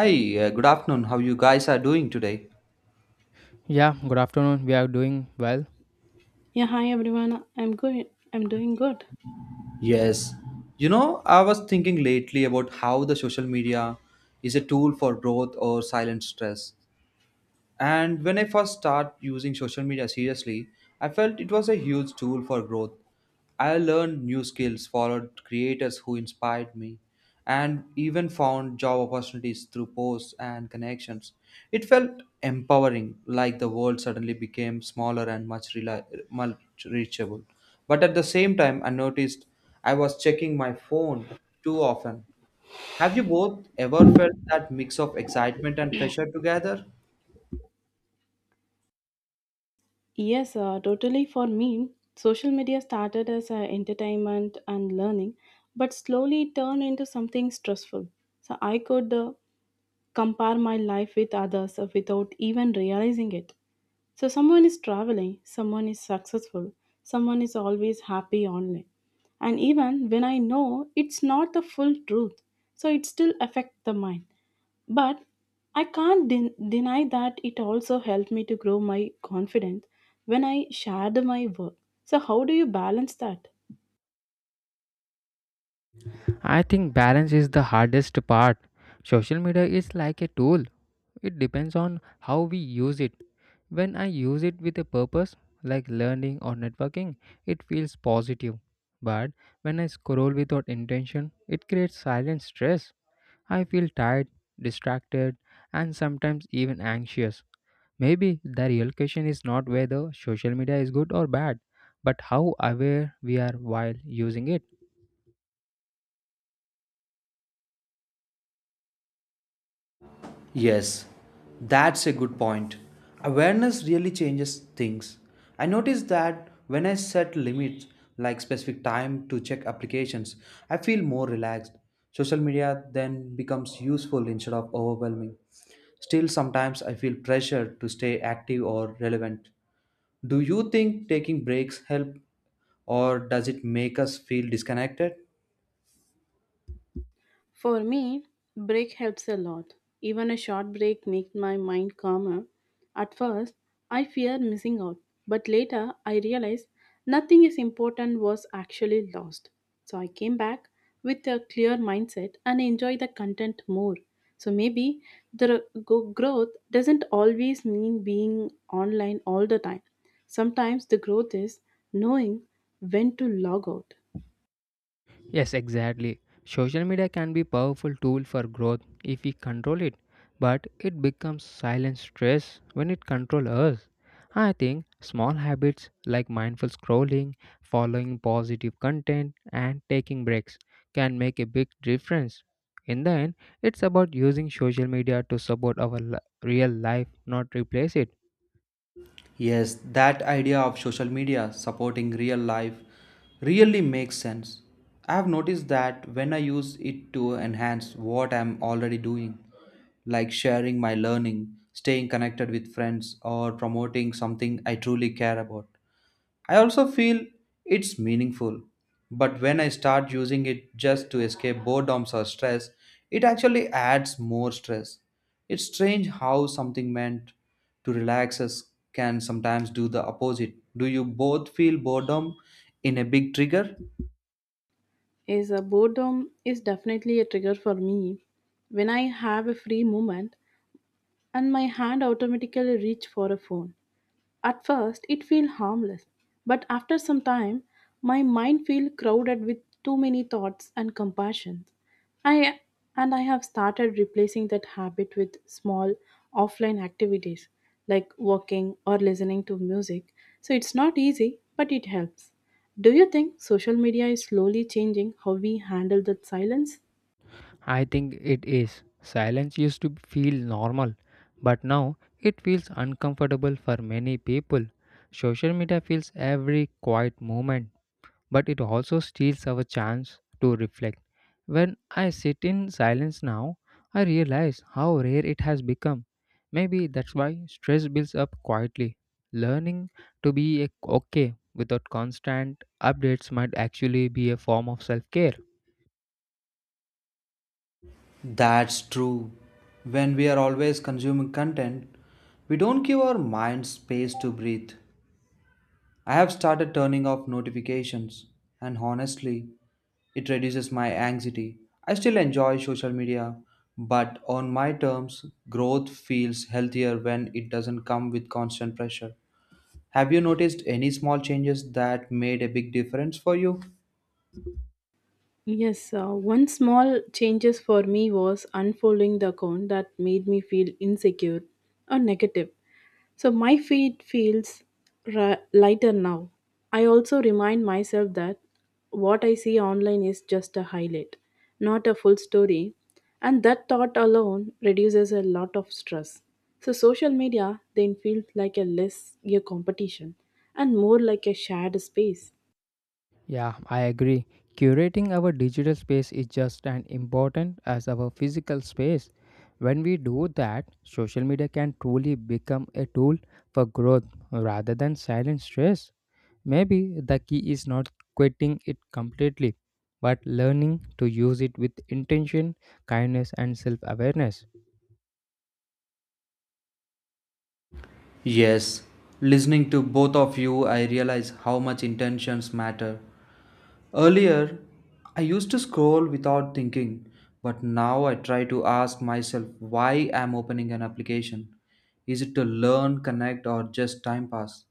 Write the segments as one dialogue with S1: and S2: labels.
S1: Hi, good afternoon. How you guys are doing today?
S2: Yeah, good afternoon. We are doing well.
S3: Yeah, hi everyone. I'm good. I'm doing good.
S1: Yes. You know, I was thinking lately about how the social media is a tool for growth or silent stress. And when I first started using social media seriously, I felt it was a huge tool for growth. I learned new skills, followed creators who inspired me, and even found job opportunities through posts and connections. It felt empowering, like the world suddenly became smaller and much reachable. But at the same time, I noticed I was checking my phone too often. Have you both ever felt that mix of excitement and pressure together?
S3: Yes, totally. For me, social media started as entertainment and learning, but slowly turned into something stressful. So I could compare my life with others without even realizing it. So someone is traveling, someone is successful, someone is always happy online. And even when I know it's not the full truth, so it still affects the mind. But I can't den- deny that it also helped me to grow my confidence when I shared my work. So, how do you balance that?
S2: I think balance is the hardest part. Social media is like a tool, it depends on how we use it. When I use it with a purpose, like learning or networking, it feels positive. But when I scroll without intention, it creates silent stress. I feel tired, distracted, and sometimes even anxious. Maybe the real question is not whether social media is good or bad, but how aware we are while using it.
S1: Yes, that's a good point. Awareness really changes things. I notice that when I set limits, like specific time to check applications, I feel more relaxed. Social media then becomes useful instead of overwhelming. Still, sometimes I feel pressured to stay active or relevant. Do you think taking breaks help or does it make us feel disconnected?
S3: For me, break helps a lot. Even a short break makes my mind calmer. At first, I fear missing out, but later I realized nothing is important was actually lost. So I came back with a clear mindset and enjoy the content more. So maybe the growth doesn't always mean being online all the time. Sometimes the growth is knowing when to log out.
S2: Yes, exactly. Social media can be powerful tool for growth if we control it, but it becomes silent stress when it control us. I think small habits like mindful scrolling, following positive content and taking breaks can make a big difference. In the end, it's about using social media to support our real life, not replace it.
S1: Yes, that idea of social media supporting real life really makes sense. I have noticed that when I use it to enhance what I'm already doing, like sharing my learning, staying connected with friends, or promoting something I truly care about. I also feel it's meaningful, but when I start using it just to escape boredoms or stress, it actually adds more stress. It's strange how something meant to relax us can sometimes do the opposite. Do you both feel boredom in a big trigger?
S3: Is Boredom is definitely a trigger for me when I have a free moment and my hand automatically reach for a phone at first, it feels harmless, but after some time, my mind feels crowded with too many thoughts and compassions. I and I have started replacing that habit with small offline activities like walking or listening to music. So it's not easy, but it helps. Do you think social media is slowly changing how we handle that silence?
S2: I think it is. Silence used to feel normal, but now it feels uncomfortable for many people. Social media fills every quiet moment, but it also steals our chance to reflect. When I sit in silence now, I realize how rare it has become. Maybe that's why stress builds up quietly. Learning to be okay without constant updates might actually be a form of self care.
S1: That's true. When we are always consuming content, we don't give our mind space to breathe. I have started turning off notifications, and honestly, it reduces my anxiety. I still enjoy social media, but on my terms, growth feels healthier when it doesn't come with constant pressure. Have you noticed any small changes that made a big difference for you?
S3: Yes, one small changes for me was unfollowing the account that made me feel insecure or negative. So my feet feels lighter now. I also remind myself that what I see online is just a highlight, not a full story, and that thought alone reduces a lot of stress. So social media then feels like a less a competition and more like a shared space.
S2: Yeah, I agree. Curating our digital space is just as important as our physical space. When we do that, social media can truly become a tool for growth rather than silent stress. Maybe the key is not quitting it completely, but learning to use it with intention, kindness, and self awareness.
S1: Yes, listening to both of you, I realize how much intentions matter. Earlier, I used to scroll without thinking, but now I try to ask myself why I'm opening an application. Is it to learn, connect, or just time pass?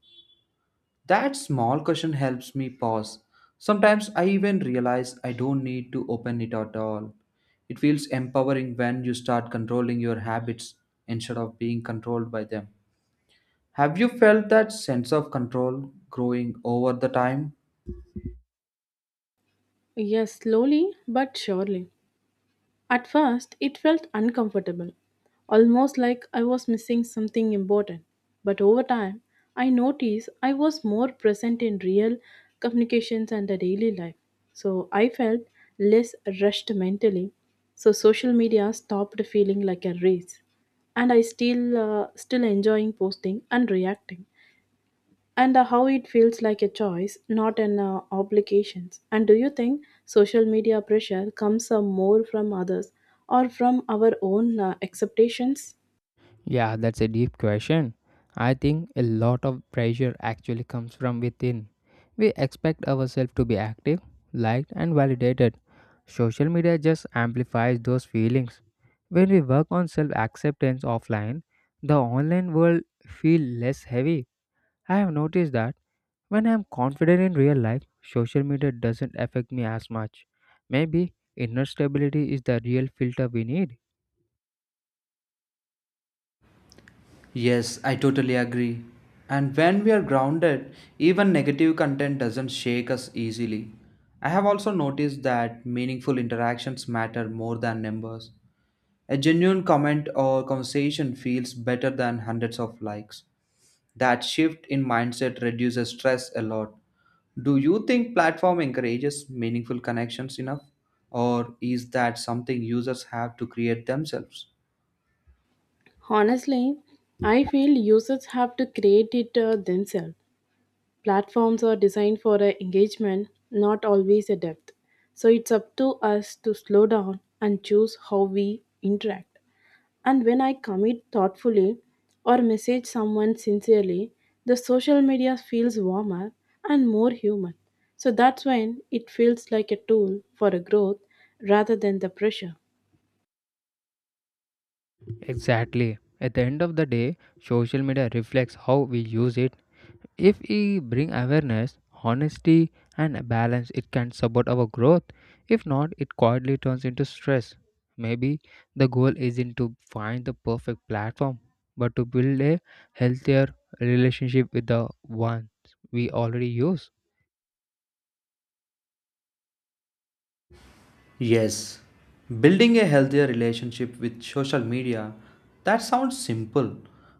S1: That small question helps me pause. Sometimes I even realize I don't need to open it at all. It feels empowering when you start controlling your habits instead of being controlled by them. Have you felt that sense of control growing over the time?
S3: Yes, slowly but surely. At first, it felt uncomfortable, almost like I was missing something important. But over time, I noticed I was more present in real communications and the daily life. So I felt less rushed mentally. So social media stopped feeling like a race, and I still enjoying posting and reacting and how it feels like a choice, not an obligation. And do you think social media pressure comes more from others or from our own expectations?
S2: Yeah, that's a deep question. I think a lot of pressure actually comes from within. We expect ourselves to be active, liked, and validated. Social media just amplifies those feelings. When we work on self acceptance offline, the online world feels less heavy. I have noticed that when I'm confident in real life, social media doesn't affect me as much. Maybe inner stability is the real filter we need.
S1: Yes, I totally agree. And when we are grounded, even negative content doesn't shake us easily. I have also noticed that meaningful interactions matter more than numbers. A genuine comment or conversation feels better than hundreds of likes. That shift in mindset reduces stress a lot. Do you think platform encourages meaningful connections enough? Or is that something users have to create themselves?
S3: Honestly, I feel users have to create it themselves. Platforms are designed for engagement, not always a depth. So it's up to us to slow down and choose how we interact. And when I commit thoughtfully or message someone sincerely, the social media feels warmer and more human. So that's when it feels like a tool for a growth rather than the pressure.
S2: Exactly. At the end of the day, social media reflects how we use it. If we bring awareness, honesty, and balance, it can support our growth. If not, it quietly turns into stress. Maybe the goal isn't to find the perfect platform, but to build a healthier relationship with the ones we already use.
S1: Yes, building a healthier relationship with social media, that sounds simple,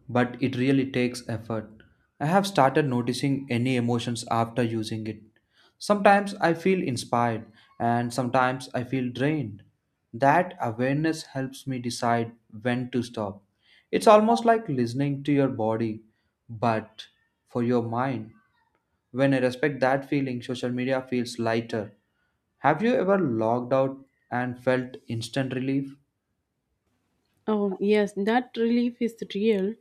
S1: but it really takes effort. I have started noticing any emotions after using it. Sometimes I feel inspired and sometimes I feel drained. That awareness helps me decide when to stop. It's almost like listening to your body, but for your mind. When I respect that feeling, social media feels lighter. Have you ever logged out and felt instant relief?
S3: Oh, yes, that relief is real.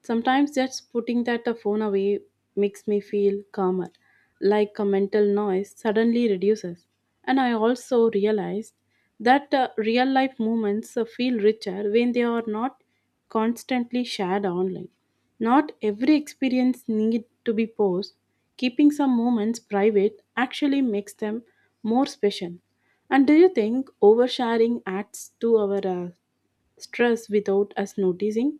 S3: Sometimes just putting that phone away makes me feel calmer, like a mental noise suddenly reduces. And I also realized that real life moments feel richer when they are not constantly shared online. Not every experience need to be posted. Keeping some moments private actually makes them more special. And do you think oversharing adds to our stress without us noticing?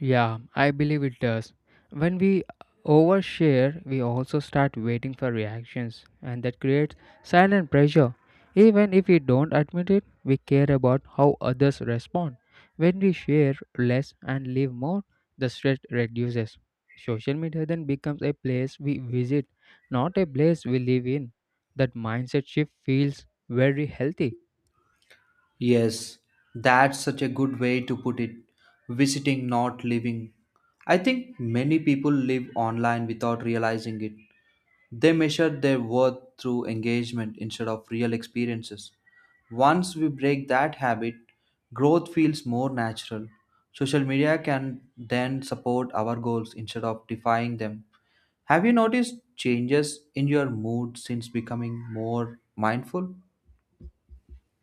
S2: Yeah, I believe it does. When we overshare, we also start waiting for reactions, and that creates silent pressure. Even if we don't admit it, we care about how others respond. When we share less and live more, the stress reduces. Social media then becomes a place we visit, not a place we live in. That mindset shift feels very healthy.
S1: Yes, that's such a good way to put it. Visiting, not living. I think many people live online without realizing it. They measure their worth through engagement instead of real experiences. Once we break that habit, growth feels more natural. Social media can then support our goals instead of defying them. Have you noticed changes in your mood since becoming more mindful?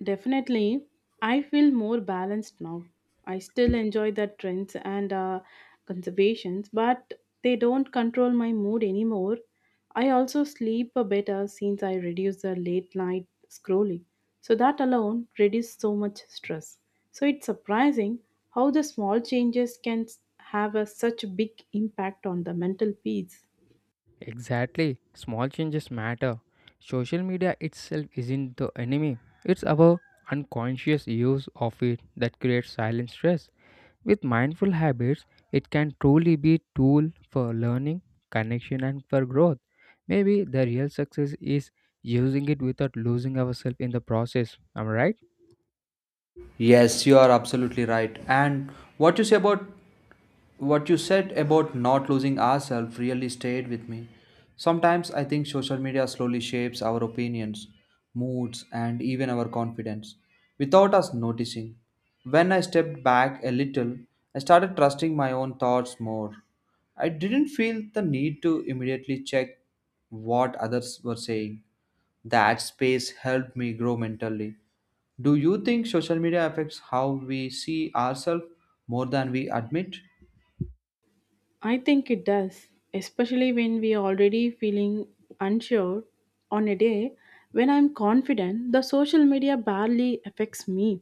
S3: Definitely, I feel more balanced now. I still enjoy the trends and conservations, but they don't control my mood anymore. I also sleep better since I reduce the late night scrolling. So that alone reduces so much stress. So it's surprising how the small changes have a, such big impact on the mental peace.
S2: Exactly. Small changes matter. Social media itself isn't the enemy. It's our unconscious use of it that creates silent stress. With mindful habits, it can truly be tool for learning, connection and for growth. Maybe the real success is using it without losing ourselves in the process. Am I right?
S1: Yes, you are absolutely right. And what you say about what you said about not losing ourselves really stayed with me. Sometimes I think social media slowly shapes our opinions, moods, and even our confidence without us noticing. When I stepped back a little, I started trusting my own thoughts more. I didn't feel the need to immediately check what others were saying. That space helped me grow mentally. Do you think social media affects how we see ourselves more than we admit?
S3: I think it does, especially when we are already feeling unsure on a day when I'm confident the social media barely affects me.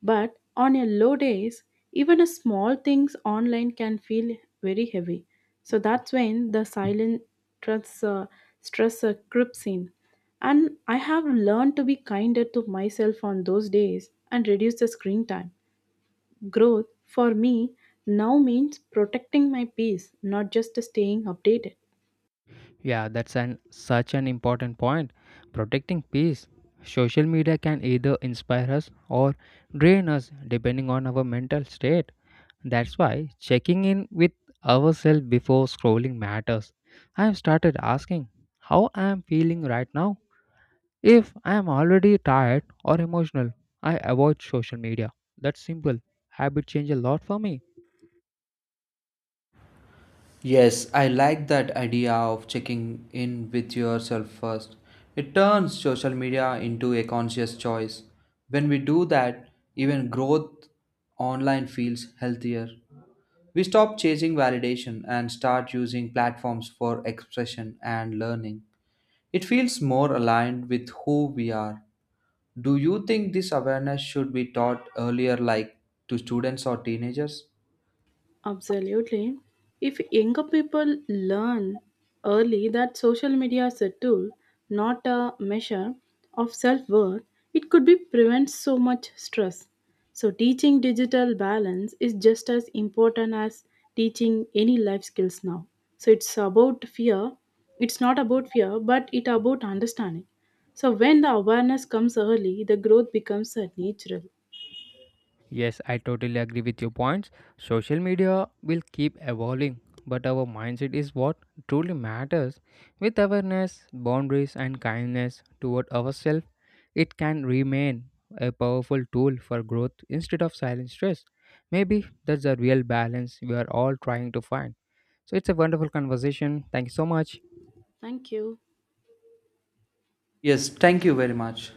S3: But on a low days, even a small things online can feel very heavy. So that's when the stress, uh, stress creeps in. And I have learned to be kinder to myself on those days and reduce the screen time. Growth for me now means protecting my peace, not just staying updated.
S2: Yeah, that's an such an important point. Protecting peace. Social media can either inspire us or drain us depending on our mental state. That's why checking in with ourselves before scrolling matters. I have started asking how I am feeling right now. If I am already tired or emotional, I avoid social media. That's simple. Habit change a lot for me.
S1: Yes, I like that idea of checking in with yourself first. It turns social media into a conscious choice. When we do that, even growth online feels healthier. We stop chasing validation and start using platforms for expression and learning. It feels more aligned with who we are. Do you think this awareness should be taught earlier, like to students or teenagers?
S3: Absolutely. If younger people learn early that social media is a tool, not a measure of self worth, it could be prevent so much stress. So teaching digital balance is just as important as teaching any life skills now. So it's about fear. It's not about fear, but it about understanding. So when the awareness comes early, the growth becomes natural.
S2: Yes, I totally agree with your points. Social media will keep evolving, but our mindset is what truly matters. With awareness, boundaries, and kindness toward ourselves, it can remain a powerful tool for growth instead of silent stress. Maybe that's the real balance we are all trying to find. So it's a wonderful conversation. Thank you so much.
S3: Thank you.
S1: Yes, thank you very much.